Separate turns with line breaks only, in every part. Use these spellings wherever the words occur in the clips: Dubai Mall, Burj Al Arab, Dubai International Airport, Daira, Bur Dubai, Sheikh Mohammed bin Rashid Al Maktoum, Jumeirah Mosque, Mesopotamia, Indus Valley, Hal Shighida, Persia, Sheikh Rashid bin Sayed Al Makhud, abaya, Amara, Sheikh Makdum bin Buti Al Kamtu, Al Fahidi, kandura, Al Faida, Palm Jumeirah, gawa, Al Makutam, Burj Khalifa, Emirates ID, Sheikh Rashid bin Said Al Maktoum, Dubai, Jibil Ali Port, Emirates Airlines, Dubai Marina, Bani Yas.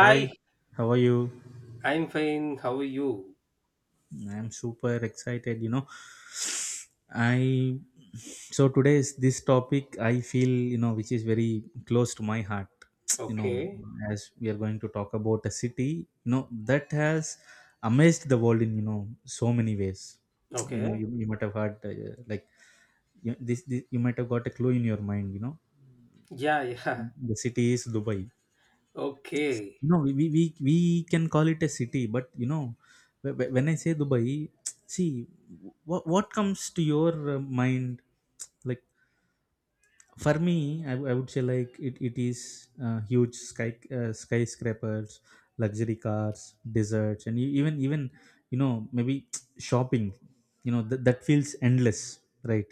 Hi, how are you?
I'm fine. How are you?
I'm super excited. I so today is this topic I feel, which is very close to my heart. you know,
Okay.
as we are going to talk about a city, that has amazed the world so many ways. You know,
Okay.
you, you might have heard like this you might have got a clue in your mind.
Yeah, yeah.
The city is Dubai.
Okay.
No, we can call it a city, but when I say Dubai, see, what comes to your mind? Like, for me I would say like it is huge skyscrapers, luxury cars, deserts, and even maybe shopping that feels endless, right?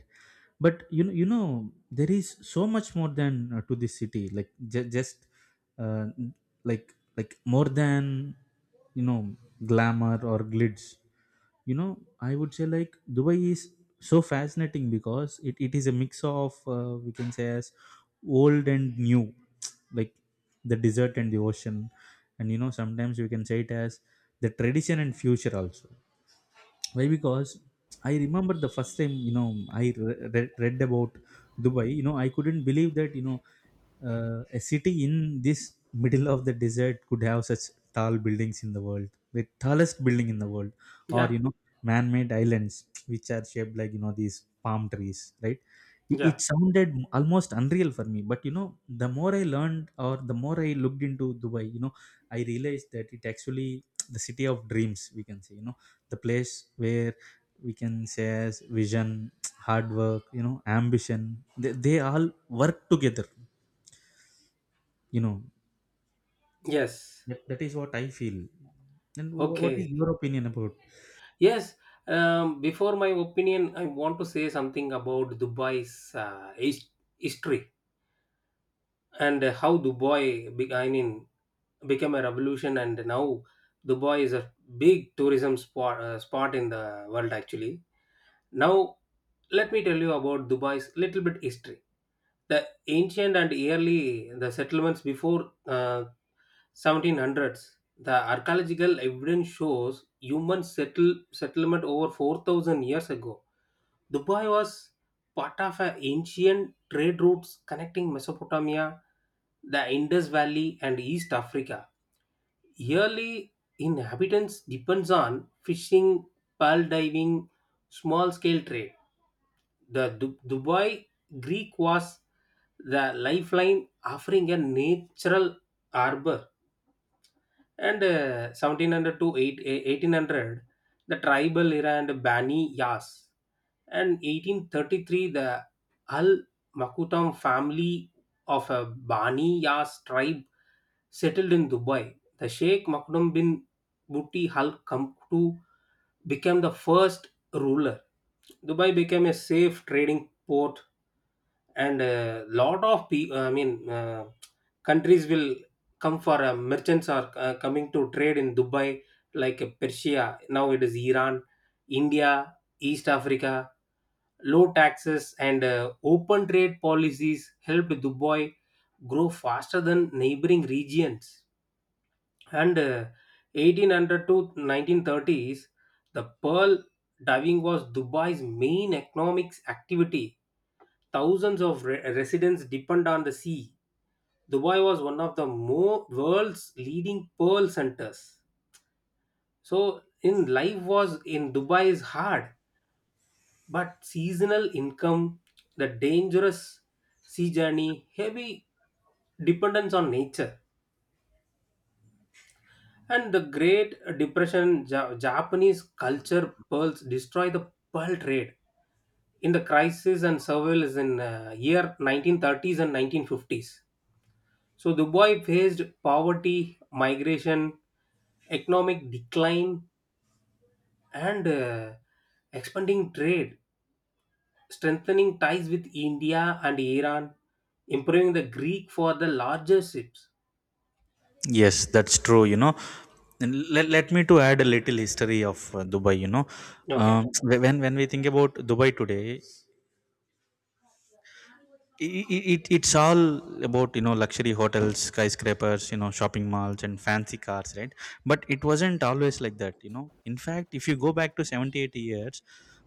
But there is so much more than to this city, like just uh, more than you know glamour or glitz you know. I would say like Dubai is so fascinating because it is a mix of we can say as old and new, like the desert and the ocean. And sometimes we can say it as the tradition and future also. Why? Because I remember the first time I read about Dubai. I couldn't believe that a city in this middle of the desert could have such tall buildings in the world, the tallest building in the world, or
Yeah,
you know man-made islands which are shaped like these palm trees, right? it
yeah.
it sounded almost unreal for me, but the more I learned, or the more I looked into Dubai, I realized that it actually, the city of dreams we can say, the place where we can say as vision, hard work, ambition, they all work together you know.
Yes.
That is what I feel. And what is
Okay.
your opinion about?
Yes. Before my opinion, I want to say something about Dubai's history and how Dubai I mean, became a revolution, and now Dubai is a big tourism spot spot in the world. Actually, now let me tell you about Dubai's little bit history. The ancient and early the settlements before 1700s. The archaeological evidence shows human settlement over 4,000 years ago. Dubai was part of an ancient trade routes connecting Mesopotamia, the Indus Valley, and East Africa. Yearly inhabitants depends on fishing, pearl diving, small scale trade. The Dubai Greek was the lifeline, offering a natural harbor. And 1700 to 1800, the tribal era and Bani Yas. And 1833, the Al Makutam family of a Bani Yas tribe settled in Dubai. The Sheikh Makdum bin Buti Al Kamtu became the first ruler. Dubai became a safe trading port and a lot of people, I mean, countries will come for merchants are coming to trade in Dubai, like Persia. Now it is Iran, India, East Africa. Low taxes and open trade policies helped Dubai grow faster than neighboring regions. And 1800 to 1930s, the pearl diving was Dubai's main economic activity. Thousands of residents depend on the sea. Dubai was one of the world's leading pearl centers. So, in life was in Dubai is hard, but seasonal income, the dangerous sea journey, heavy dependence on nature, and the Great Depression, Japanese culture pearls destroy the pearl trade in the crisis and surveillance in year 1930s and 1950s. So Dubai faced poverty, migration, economic decline, and expanding trade, strengthening ties with India and Iran, improving the Greek for the larger ships.
Yes, that's true. And let me to add a little history of uh, dubai you know um,
Okay.
wh- when when we think about Dubai today, it's all about luxury hotels, skyscrapers, you know, shopping malls, and fancy cars, right? But it wasn't always like that. In fact, if you go back to 70, 80 years,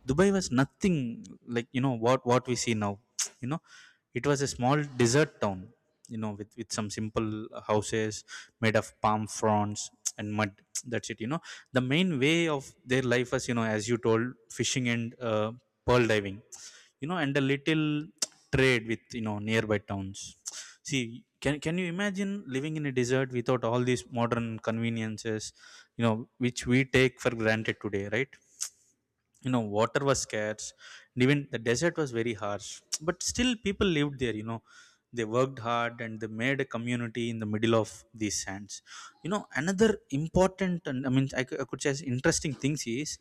Dubai was nothing like what we see now. you know it was a small desert town, with some simple houses made of palm fronds and mud. That's it. The main way of their life was, you know, as you told, fishing and uh, pearl diving, and a little trade with nearby towns. See, can you imagine living in a desert without all these modern conveniences you know, which we take for granted today, right? Water was scarce, and even the desert was very harsh. But still people lived there. They worked hard and they made a community in the middle of these sands. Another important and I mean I could say interesting things is,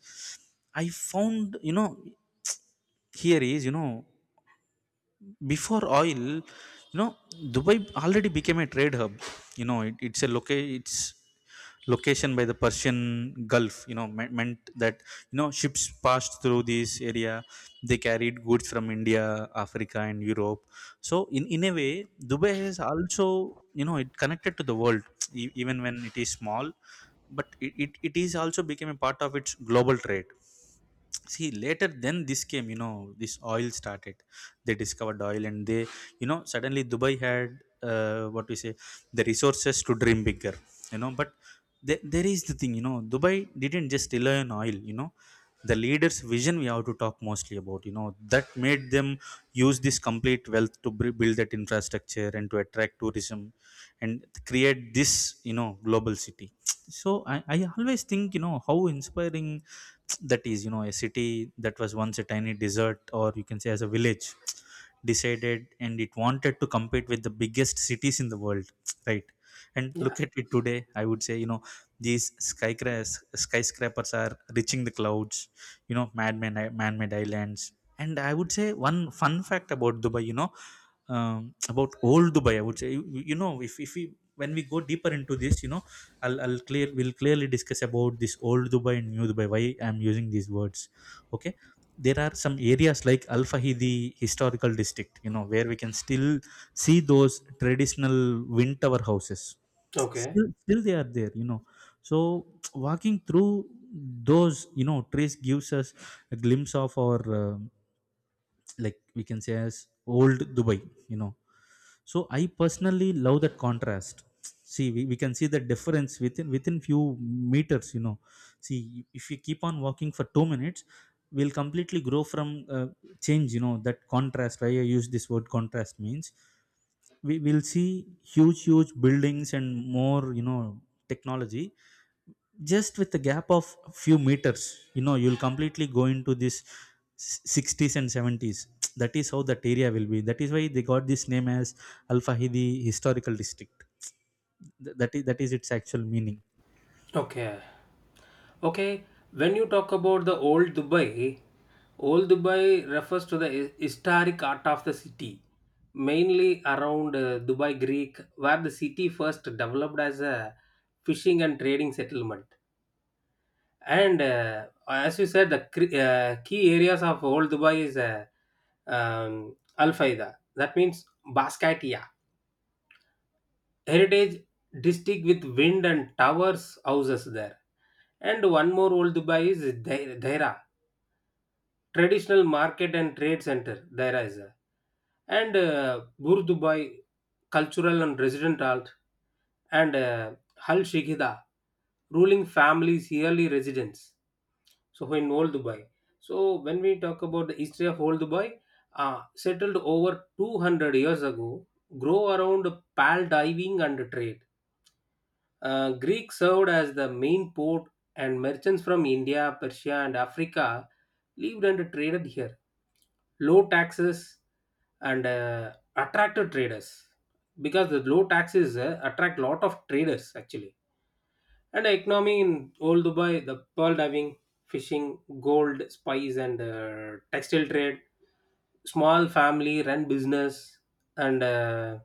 I found you know here is you know, before oil you know, Dubai already became a trade hub. Its location by the Persian Gulf meant that ships passed through this area. They carried goods from India, Africa, and Europe. So in a way, Dubai is also it connected to the world, even when it is small. But it is also became a part of its global trade. See, later then this came, this oil started. They discovered oil and they suddenly Dubai had what we say, the resources to dream bigger. But there is the thing, Dubai didn't just rely on oil. The leaders' vision we have to talk mostly about, that made them use this complete wealth to build that infrastructure and to attract tourism and create this global city. So I always think how inspiring that is, a city that was once a tiny desert, or you can say as a village, decided and it wanted to compete with the biggest cities in the world. Right? And
Yeah.
look at it today, I would say these skyscrapers are reaching the clouds, man-made islands. And I would say one fun fact about Dubai about old Dubai, I would say, you know, if we when we go deeper into this you know I'll clear we'll clearly discuss about this old Dubai and new Dubai, why I'm using these words. Okay, there are some areas like Al Fahidi historical district, you know, where we can still see those traditional wind tower houses.
Okay.
Still they are there, you know. So walking through those, you know, trees gives us a glimpse of our, like we can say as old Dubai, you know. So I personally love that contrast. See, we can see the difference within few meters, you know. See, if you keep on walking for 2 minutes, will completely grow from change, you know. That contrast, why I use this word contrast means, we will see huge buildings and more, you know, technology, just with the gap of few meters. You know, you'll completely go into this 60s and 70s. That is how that area will be. That is why they got this name as Al Fahidi historical district. That is its actual meaning.
Okay. Okay, when you talk about the old Dubai refers to the historic art of the city, mainly around Dubai Greek, where the city first developed as a fishing and trading settlement. And as you said, the key areas of old Dubai is Al Faida, that means Bascatia, heritage district with wind and towers houses there. And one more old Dubai is Daira traditional market and trade center there is a. And Bur Dubai cultural and resident alt, and Hal Shighida ruling families yearly residence. So in old Dubai, so when we talk about the history of old Dubai, settled over 200 years ago, grow around pearl diving and trade. Uh, Greek served as the main port, and merchants from India, Persia, and Africa lived and traded here. Low taxes and attracted traders because the low taxes attract lot of traders actually. And economy in old Dubai, the pearl diving, fishing, gold, spice, and textile trade, small family run business, and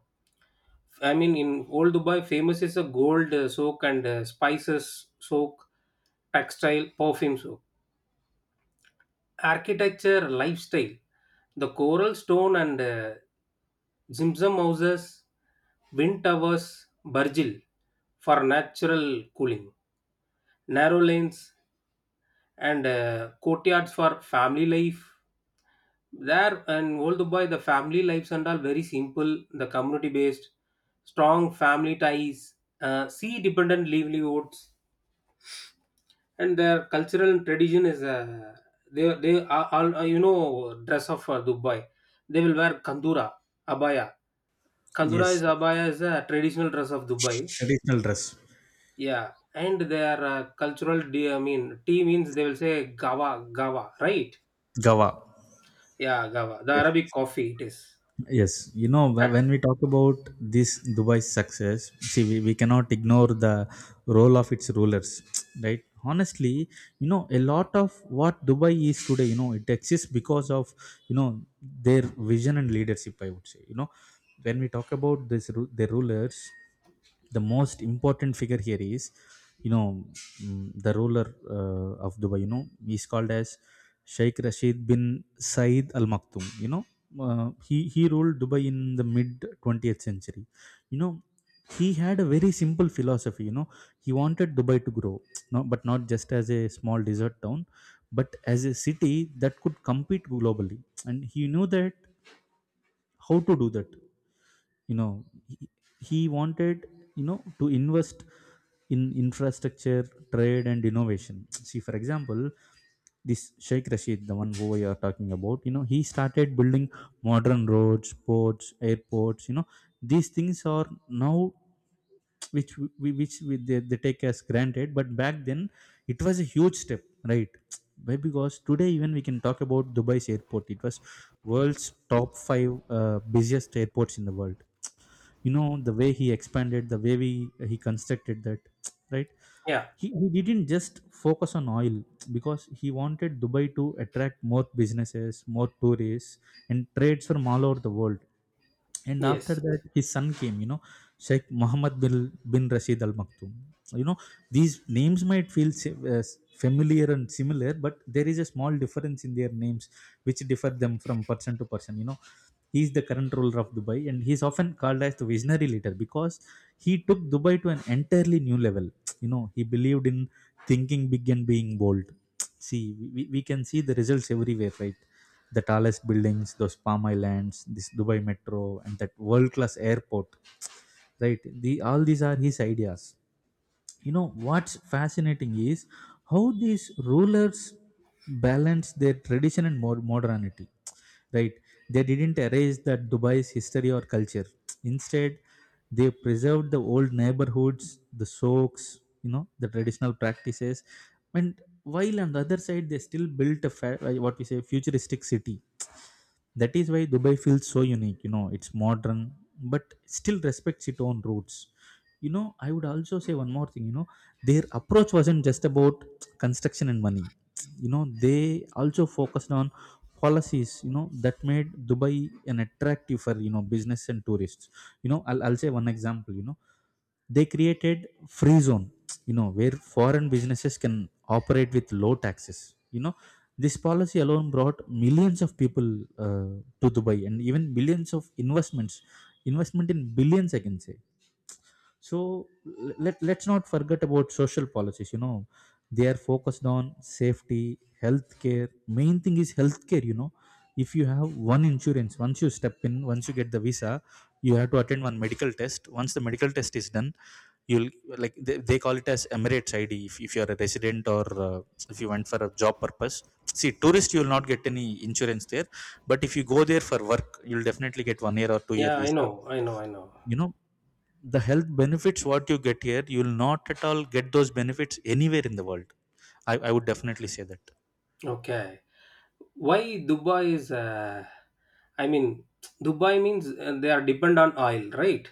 I mean in old Dubai, famous is a gold soak and spices soak, textile, perfume soak, architecture, lifestyle, the coral stone and Zimzam houses, wind towers, Burjil for natural cooling, narrow lanes, and courtyards for family life there. And old Dubai, the family lives and all very simple, the community based, strong family ties, sea dependent livelihoods. And their cultural tradition is they are all dress up for Dubai. They will wear kandura, abaya. Kandura
Yes,
is abaya is a traditional dress of Dubai.
traditional dress.
Yeah, and their cultural d, I mean t, means they will say gawa, gawa, right?
Gawa.
Yeah, Gawa. The Arabic
Yes.
coffee it is.
Yes, you know,
Uh,
when we talk about this Dubai's success, see, we cannot ignore the role of its rulers, right? Honestly, you know, a lot of what Dubai is today, you know, it exists because of, you know, their vision and leadership, I would say. You know, when we talk about this, their rulers, the most important figure here is, you know, the ruler of Dubai, you know. He's called as Sheikh Rashid bin Said Al Maktoum, you know. He ruled Dubai in the mid 20th century, you know. He had a very simple philosophy, you know. He wanted Dubai to grow, no, but not just as a small desert town, but as a city that could compete globally. And he knew that how to do that, you know. He wanted, you know, to invest in infrastructure, trade, and innovation. See, for example, this Sheikh Rashid, the one who we are talking about, you know, he started building modern roads, ports, airports, you know. These things are now which we they take as granted, but back then it was a huge step, right. Why? Because today even we can talk about Dubai's airport. It was world's top five busiest airports in the world, you know. The way he expanded, the way he constructed that, right.
Yeah,
He didn't just focus on oil because he wanted Dubai to attract more businesses, more tourists, and trades from all over the world. And after
yes.
that his son came, you know, Sheikh Mohammed bin Rashid Al Maktoum, you know. These names might feel familiar and similar, but there is a small difference in their names which differ them from person to person, you know. He is the current ruler of Dubai and he is often called as the visionary leader because he took Dubai to an entirely new level, you know. He believed in thinking big and being bold. See, we can see the results everywhere, right. The tallest buildings, those palm islands, this Dubai metro, and that world class airport, right. The all these are his ideas, you know. What's fascinating is how these rulers balance their tradition and modernity, right. They didn't erase that Dubai's history or culture. Instead, they preserved the old neighborhoods, the souks, you know, the traditional practices. And while on the other side they still built a what we say futuristic city. That is why Dubai feels so unique, you know. It's modern, but still respects its own roots. You know, I would also say one more thing, you know, their approach wasn't just about construction and money, you know. They also focused on policies, you know, that made Dubai an attractive for, you know, business and tourists, you know. I'll say one example, you know. They created free zone, you know, where foreign businesses can operate with low taxes, you know. This policy alone brought millions of people to Dubai and Even billions of investments, investment in billions, I can say. So let's not forget about social policies. You know, they are focused on safety, healthcare. Main thing is healthcare. You know, if you have one insurance, once you step in, once you get the visa, you have to attend one medical test. Once the medical test is done, you'll like they call it as Emirates ID. If you are a resident or uh, if you went for a job purpose. See, tourist, you will not get any insurance there. But if you go there for work, you'll definitely get 1 year or 2 year
Yeah, I
visa.
know, I know, I know.
You know, the health benefits what you get here you will not at all get those benefits anywhere in the world. I would definitely say that
Okay. Why Dubai is, I mean, Dubai means they are dependent on oil, right?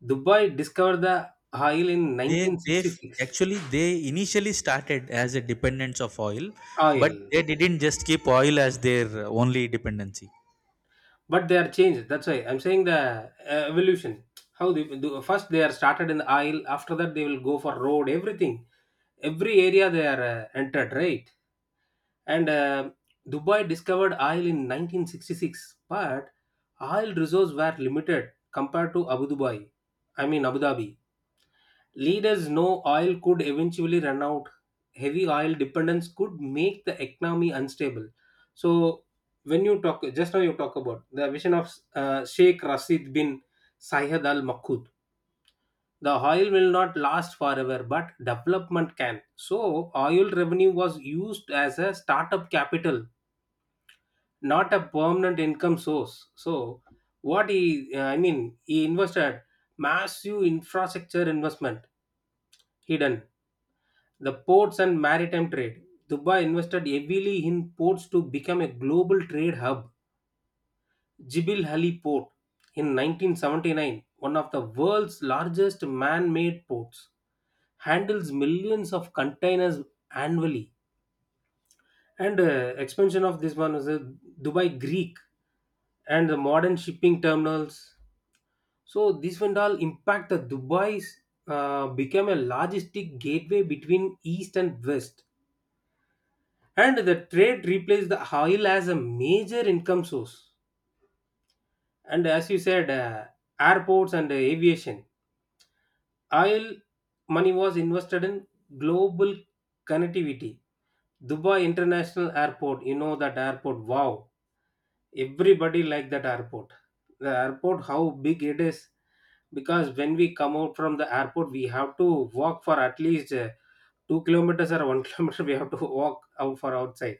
Dubai discovered the oil in 1966.
actually they initially started as a dependence of oil, but
Oil.
they didn't just keep oil as their only dependency.
But they are changed. That's why I'm saying the evolution. How they do, first they are started in the oil, after that they will go for road, everything. Every area they are entered, right? And Dubai discovered oil in 1966, but oil reserves were limited compared to Abu Dubai, I mean, Abu Dhabi. Leaders know oil could eventually run out, heavy oil dependence could make the economy unstable. So when you talk just now, you talk about the vision of Sheikh Rashid bin Sayed Al Makhud. The oil will not last forever, but development can. So, oil revenue was used as a startup capital, not a permanent income source. So what he, I mean, he invested massive infrastructure investment hidden. The ports and maritime trade. Dubai invested heavily in ports to become a global trade hub. Jibil Ali Port in 1979, one of the world's largest man-made ports, handles millions of containers annually. And expansion of this one was Dubai Greek and the modern shipping terminals. So this went all impact that Dubai's became a logistic gateway between East and West, and the trade replaced the oil as a major income source. And as you said, airports and aviation, oil money was invested in global connectivity. Dubai International Airport, you know that airport. Wow, everybody like that airport. The airport, how big it is, because when we come out from the airport we have to walk for at least 2 kilometers or 1 kilometer we have to walk out for outside.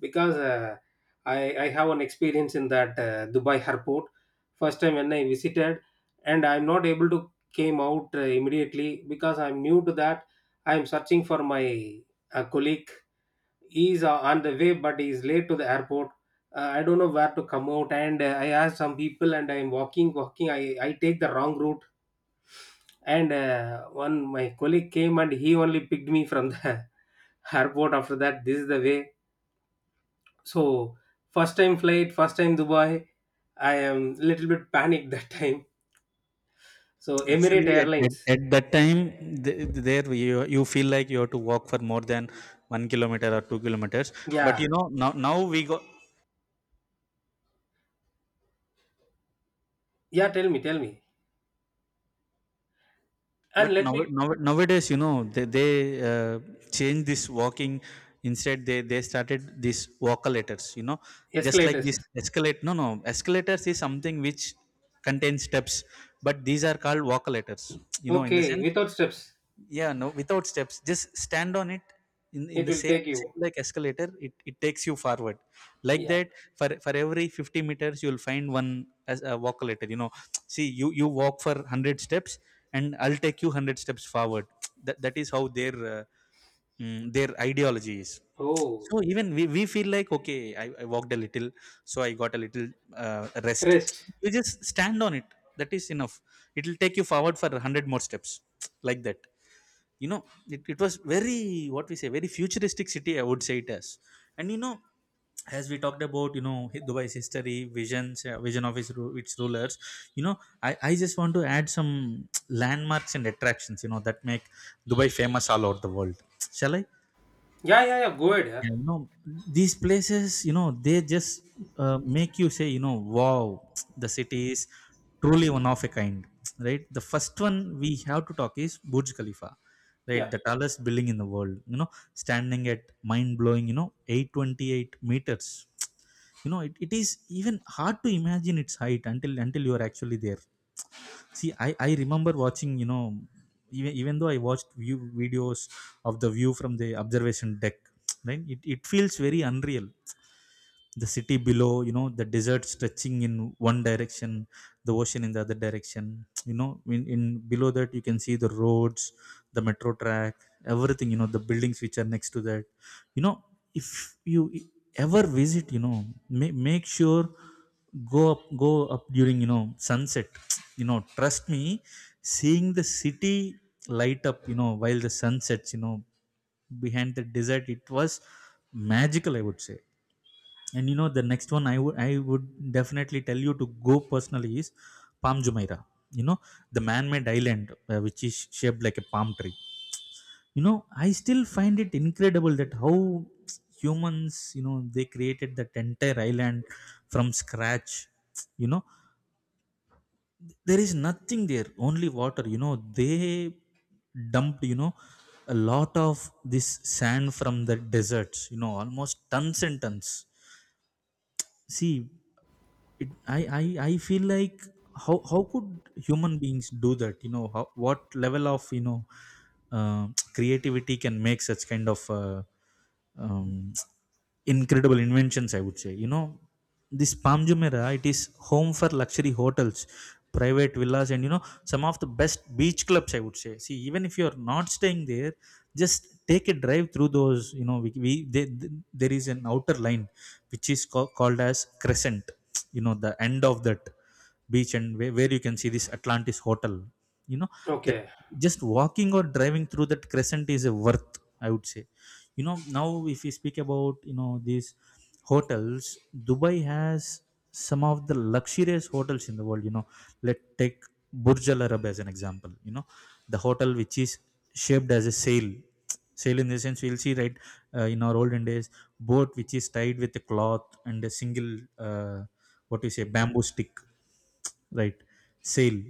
Because i I have an experience in that Dubai airport first time when I visited, and I'm not able to came out immediately because I'm new to that. I'm searching for my colleague. He's on the way but he's late to the airport. Uh, I don't know where to come out, and I asked some people and I'm walking. I I take the wrong route. And one my colleague came and he only picked me from the airport. After that, this is the way. So first time flight, first time Dubai. I am little bit panicked that time. So Emirate
Actually at, at,
Airlines.
at that time there you feel like you have to walk for more than 1 kilometer or 2 kilometers. But
Yeah,
you know now we go.
yeah. Tell me, and
But
let
now,
me
now nowadays, you know, they uh, change this walking. Instead, they started these walkalators. You know, just like
escalators.
this escalate. No, no, escalators is something which contains steps, but these are called walkalators. You know, in the
Okay,
sense
without steps,
yeah, no, without steps, just stand on it. In
it
the
will
same
take you.
same like escalator, it takes you forward, like
Yeah.
that. For every 50 meters you'll find one as a walkulator. You know, see, you walk for 100 steps and I'll take you 100 steps forward. That is how their their ideology is.
Oh,
So even we feel like okay, I walked a little, so I got a little rest.
rest.
You just stand on it, that is enough. It will take you forward for 100 more steps, like that, you know. It was very, what we say, very futuristic city, I would say it as. And you know, as we talked about, you know, Dubai's history, visions, vision of its rulers, you know, I just want to add some landmarks and attractions, you know, that make Dubai famous all over the world. Shall I?
Yeah, yeah, yeah. Go ahead, yeah.
Yeah, you know, these places, you know, they just make you say, you know, wow, the city is truly one of a kind, right? The first one we have to talk is Burj Khalifa, right?
Yeah.
The tallest building in the world, you know, standing at mind blowing, you know, 828 meters. You know, it is even hard to imagine its height until you are actually there. See, I remember watching, you know, even though I watched view videos of the view from the observation deck, right? It feels very unreal, the city below, you know, the desert stretching in one direction, the ocean in the other direction, you know, in below that you can see the roads, the metro track, everything, you know, the buildings which are next to that, you know. If you ever visit, you know, make sure go up during, you know, sunset. you know, trust me, seeing the city light up, you know, while the sun sets, you know, behind the desert, it was magical, I would say. And you know, the next one I would definitely tell you to go personally is Palm Jumeirah. You know, the man-made island which is shaped like a palm tree. You know, I still find it incredible that how humans, you know, they created that entire island from scratch. You know, there is nothing there, only water. You know, they dumped, you know, a lot of this sand from the deserts. You know, almost tons and tons. See, it, I feel like how could human beings do that, you know, how, what level of, you know, uh, creativity can make such kind of um, incredible inventions, I would say. You know, this Palm Jumeirah, it is home for luxury hotels, private villas, and you know, some of the best beach clubs, I would say. See, even if you are not staying there, just take a drive through those. You know, there is an outer line which is called as crescent. You know, the end of that beach, and where you can see this Atlantis hotel, you know, that,
Okay.
just walking or driving through that crescent is a worth, I would say. You know, now, if we speak about, you know, these hotels, Dubai has some of the luxurious hotels in the world. You know, let's take Burj Al Arab as an example. You know, the hotel which is shaped as a sail. Sail, in the sense, we'll see, right, in our olden days, boat which is tied with a cloth and a single uh, what do you say, bamboo stick, right? Sale.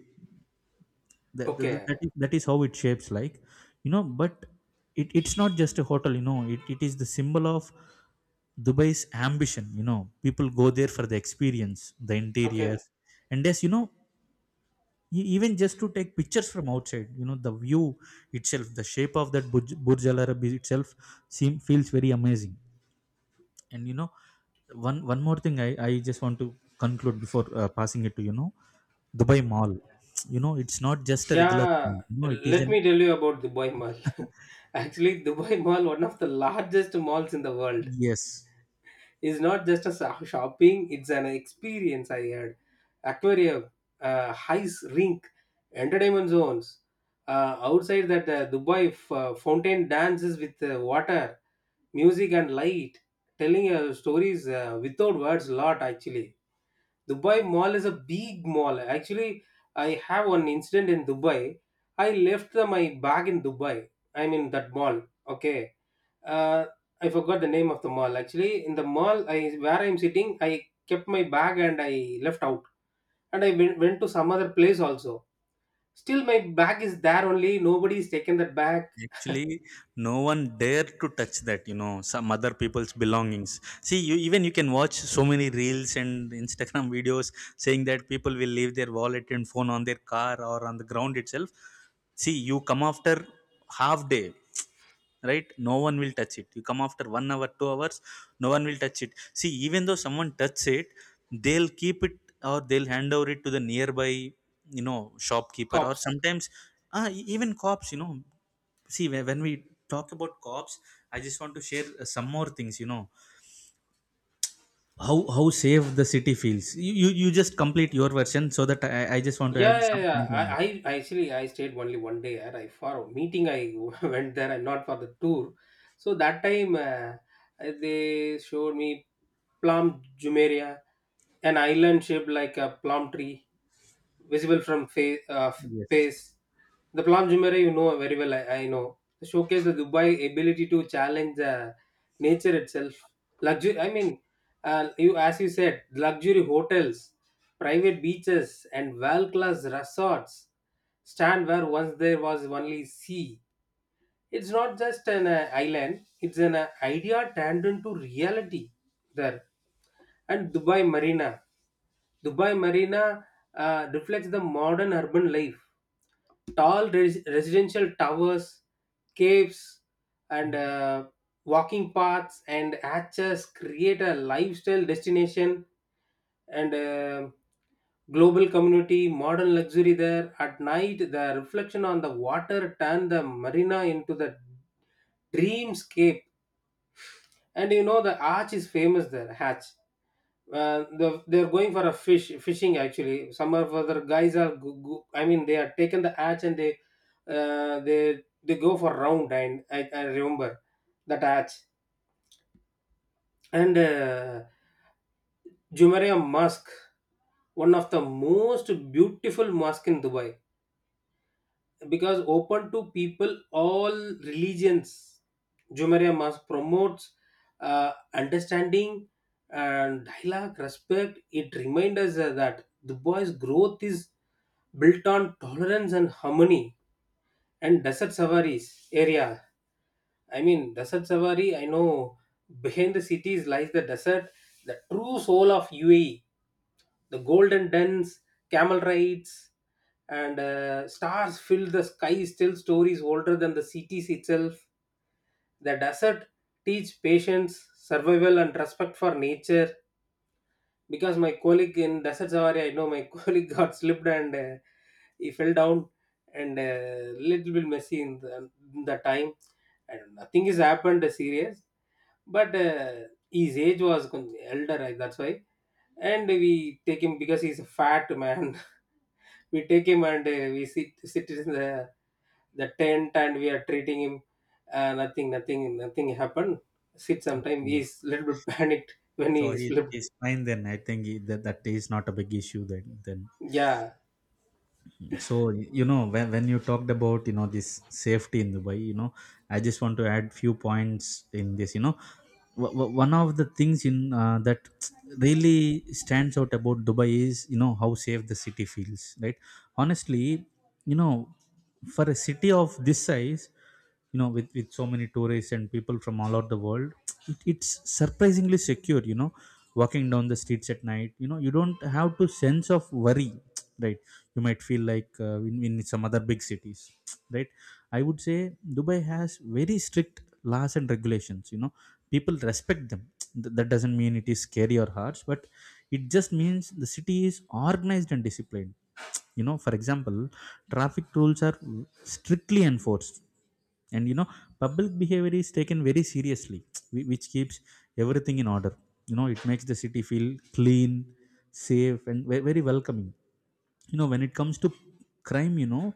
that, that,
Okay.
that, is, that is how it shapes like. You know, but it's not just a hotel. You know, it is the symbol of Dubai's ambition. You know, people go there for the experience, the
Okay.
interiors, and yes, you know, even just to take pictures from outside, you know, the view itself, the shape of that Burj Al Arab itself seem, feels very amazing. And you know, one more thing, I just want to conclude before passing it to, you know, Dubai Mall. You know, it's not just a regular
Yeah,
mall, you know, it is
let
an...
me tell you about Dubai Mall. Actually, Dubai Mall, one of the largest malls in the world,
Yes,
is not just a shopping, it's an experience I had. Aquarium, ice rink, entertainment zones. Outside that, Dubai fountain dances with water, music, and light, telling stories without words, lot actually. Dubai Mall is a big mall. Actually, I have one incident in Dubai. I left my bag in Dubai. I mean that mall. Okay. Uh, I forgot the name of the mall. Actually, in the mall, I where I'm sitting, I kept my bag and I left out. And I went to some other place also. Still, my bag is there only. Nobody's taken that bag.
actually, no one dare to touch that, you know, some other people's belongings. See, you, even you can watch so many reels and Instagram videos saying that people will leave their wallet and phone on their car or on the ground itself. See, you come after half day, right, no one will touch it. You come after 1 hour 2 hours, no one will touch it. See, even though someone touches it, they'll keep it or they'll hand over it to the nearby, you know, shopkeeper or
Cops.
sometimes even cops, you know. See, when we talk about cops, I just want to share some more things. You know, how safe the city feels, you you just complete your version so that I just want to
Yeah,
add
yeah, yeah.
something more.
I actually I stayed only one day. And I for a meeting I went there and not for the tour. So that time they showed me Plum Jumeirah, an island shaped like a plum tree visible from face,
Yes.
pace. The Plan Jumeirah you know very well, I know. Showcase the Dubai ability to challenge nature itself. Luxury, I mean, you as you said, luxury hotels, private beaches, and world-class resorts stand where once there was only sea. It's not just an island; it's an idea turned into reality there. And Dubai Marina. Dubai Marina reflects the modern urban life. Tall residential towers, caves, and walking paths and hatches create a lifestyle destination, and global community, modern luxury there. At night, the reflection on the water turned the marina into the dreamscape. And you know, the arch is famous there, hatch, the, they're going for a fishing actually. Some of other guys are I mean they are taken the hatch and they, they go for round, and I remember that hatch. And Jumeirah Mosque, one of the most beautiful mosque in Dubai, because open to people all religions. Jumeirah Mosque promotes understanding and dialogue respect. It reminds us that the boys growth is built on tolerance and harmony. And desert safaris area, I mean desert safari, I know, behind the cities lies the desert, the true soul of UAE. The golden dens, camel rides, and stars fill the skies tell stories older than the cities itself. The desert teach patience, survival, and respect for nature. Because my colleague in Desert Safari, I know my colleague got slipped and he fell down, and a little bit messy in in the time, and nothing has happened serious. But his age was కొంచెం elder, I- that's why. And we take him because he's a fat man. We take him, and we sit in the tent, and we are treating him. Uh, nothing happened. Sit sometime
Okay.
he's a little bit panicked when
So
he
he
slipped.
is fine, then. I think he, that that is not a big issue then, then.
Yeah.
So you know, when you talked about, you know, this safety in Dubai, you know, I just want to add few points in this. You know, one of the things in that really stands out about Dubai is, you know, how safe the city feels, right? Honestly, you know, for a city of this size, you know, with so many tourists and people from all over the world, it's surprisingly secure. You know, walking down the streets at night, you know, you don't have to sense of worry, right? You might feel like in some other big cities, right? I would say Dubai has very strict laws and regulations. You know, people respect them. That doesn't mean it is scary or harsh, but it just means the city is organized and disciplined. You know, for example, traffic rules are strictly enforced. And you know, public behavior is taken very seriously, which keeps everything in order. You know, it makes the city feel clean, safe, and ve- very welcoming. You know, when it comes to crime, you know,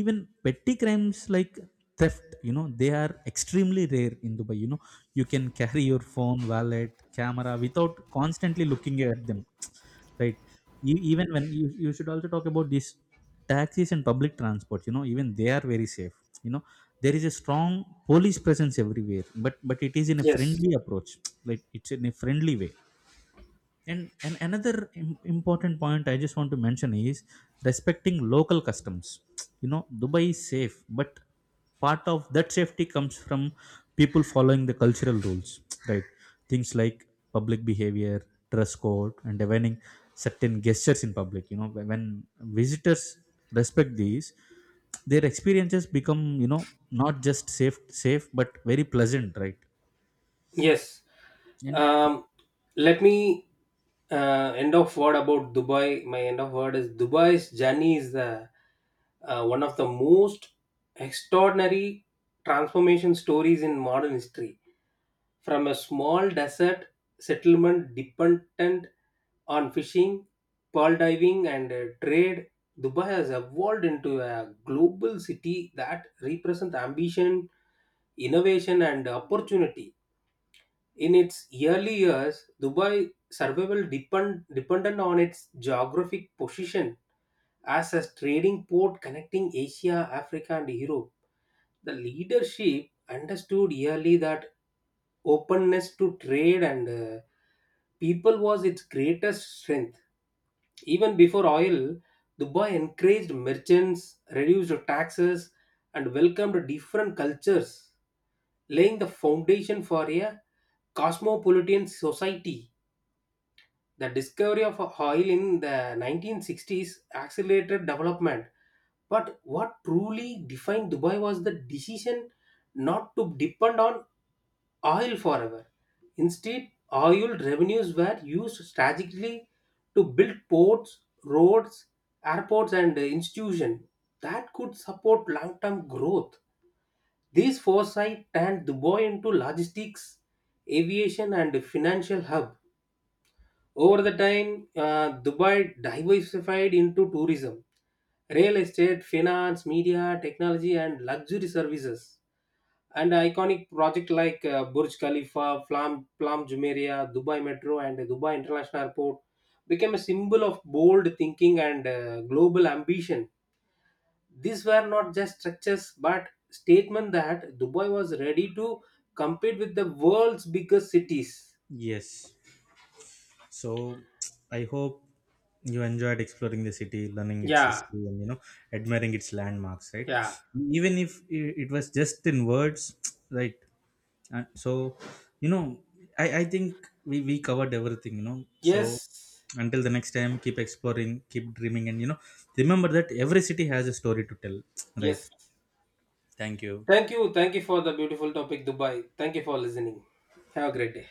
even petty crimes like theft, you know, they are extremely rare in Dubai. You know, you can carry your phone, wallet, camera without constantly looking at them, right? Even when you should also talk about these taxis and public transport. You know, even they are very safe. You know, there is a strong police presence everywhere, but it is in a
Yes.
friendly approach, like it's in a friendly way. And another important point I just want to mention is respecting local customs. You know, Dubai is safe, but part of that safety comes from people following the cultural rules, right? Things like public behavior, dress code, and avoiding certain gestures in public. You know, when visitors respect these, their experiences become, you know, not just safe but very pleasant, right?
Yes.
And
um Let me, end of word about Dubai. My end of word is Dubai's journey is the one of the most extraordinary transformation stories in modern history. From a small desert settlement dependent on fishing, pearl diving, and trade, Dubai has evolved into a global city that represents ambition, innovation, and opportunity. In its early years, Dubai survival dependent on its geographic position as a trading port connecting Asia, Africa, and Europe. The leadership understood early that openness to trade and people was its greatest strength. Even before oil, Dubai encouraged merchants, reduced taxes, and welcomed different cultures, laying the foundation for a cosmopolitan society. The discovery of oil in the 1960s accelerated development. But what truly defined Dubai was the decision not to depend on oil forever. Instead, oil revenues were used strategically to build ports, roads, airports, and institutions that could support long term growth. This foresight turned Dubai into logistics, aviation, and financial hub. Over the time, Dubai diversified into tourism, real estate, finance, media, technology, and luxury services, and iconic project like Burj Khalifa, Plum Jumeirah, Dubai Metro, and Dubai International Airport became a symbol of bold thinking and global ambition. These were not just structures but statement that Dubai was ready to compete with the world's biggest cities.
you enjoyed exploring the city, learning its
Yeah,
history, and you know, admiring its landmarks, right,
yeah,
even if it was just in words, right? And so, you know, I think we covered everything, you know. So
yes,
until the next time, keep exploring, keep dreaming, and you know, remember that every city has a story to tell, right.
yes.
Thank you.
Thank you for the beautiful topic, Dubai. Thank you for listening. Have a great day.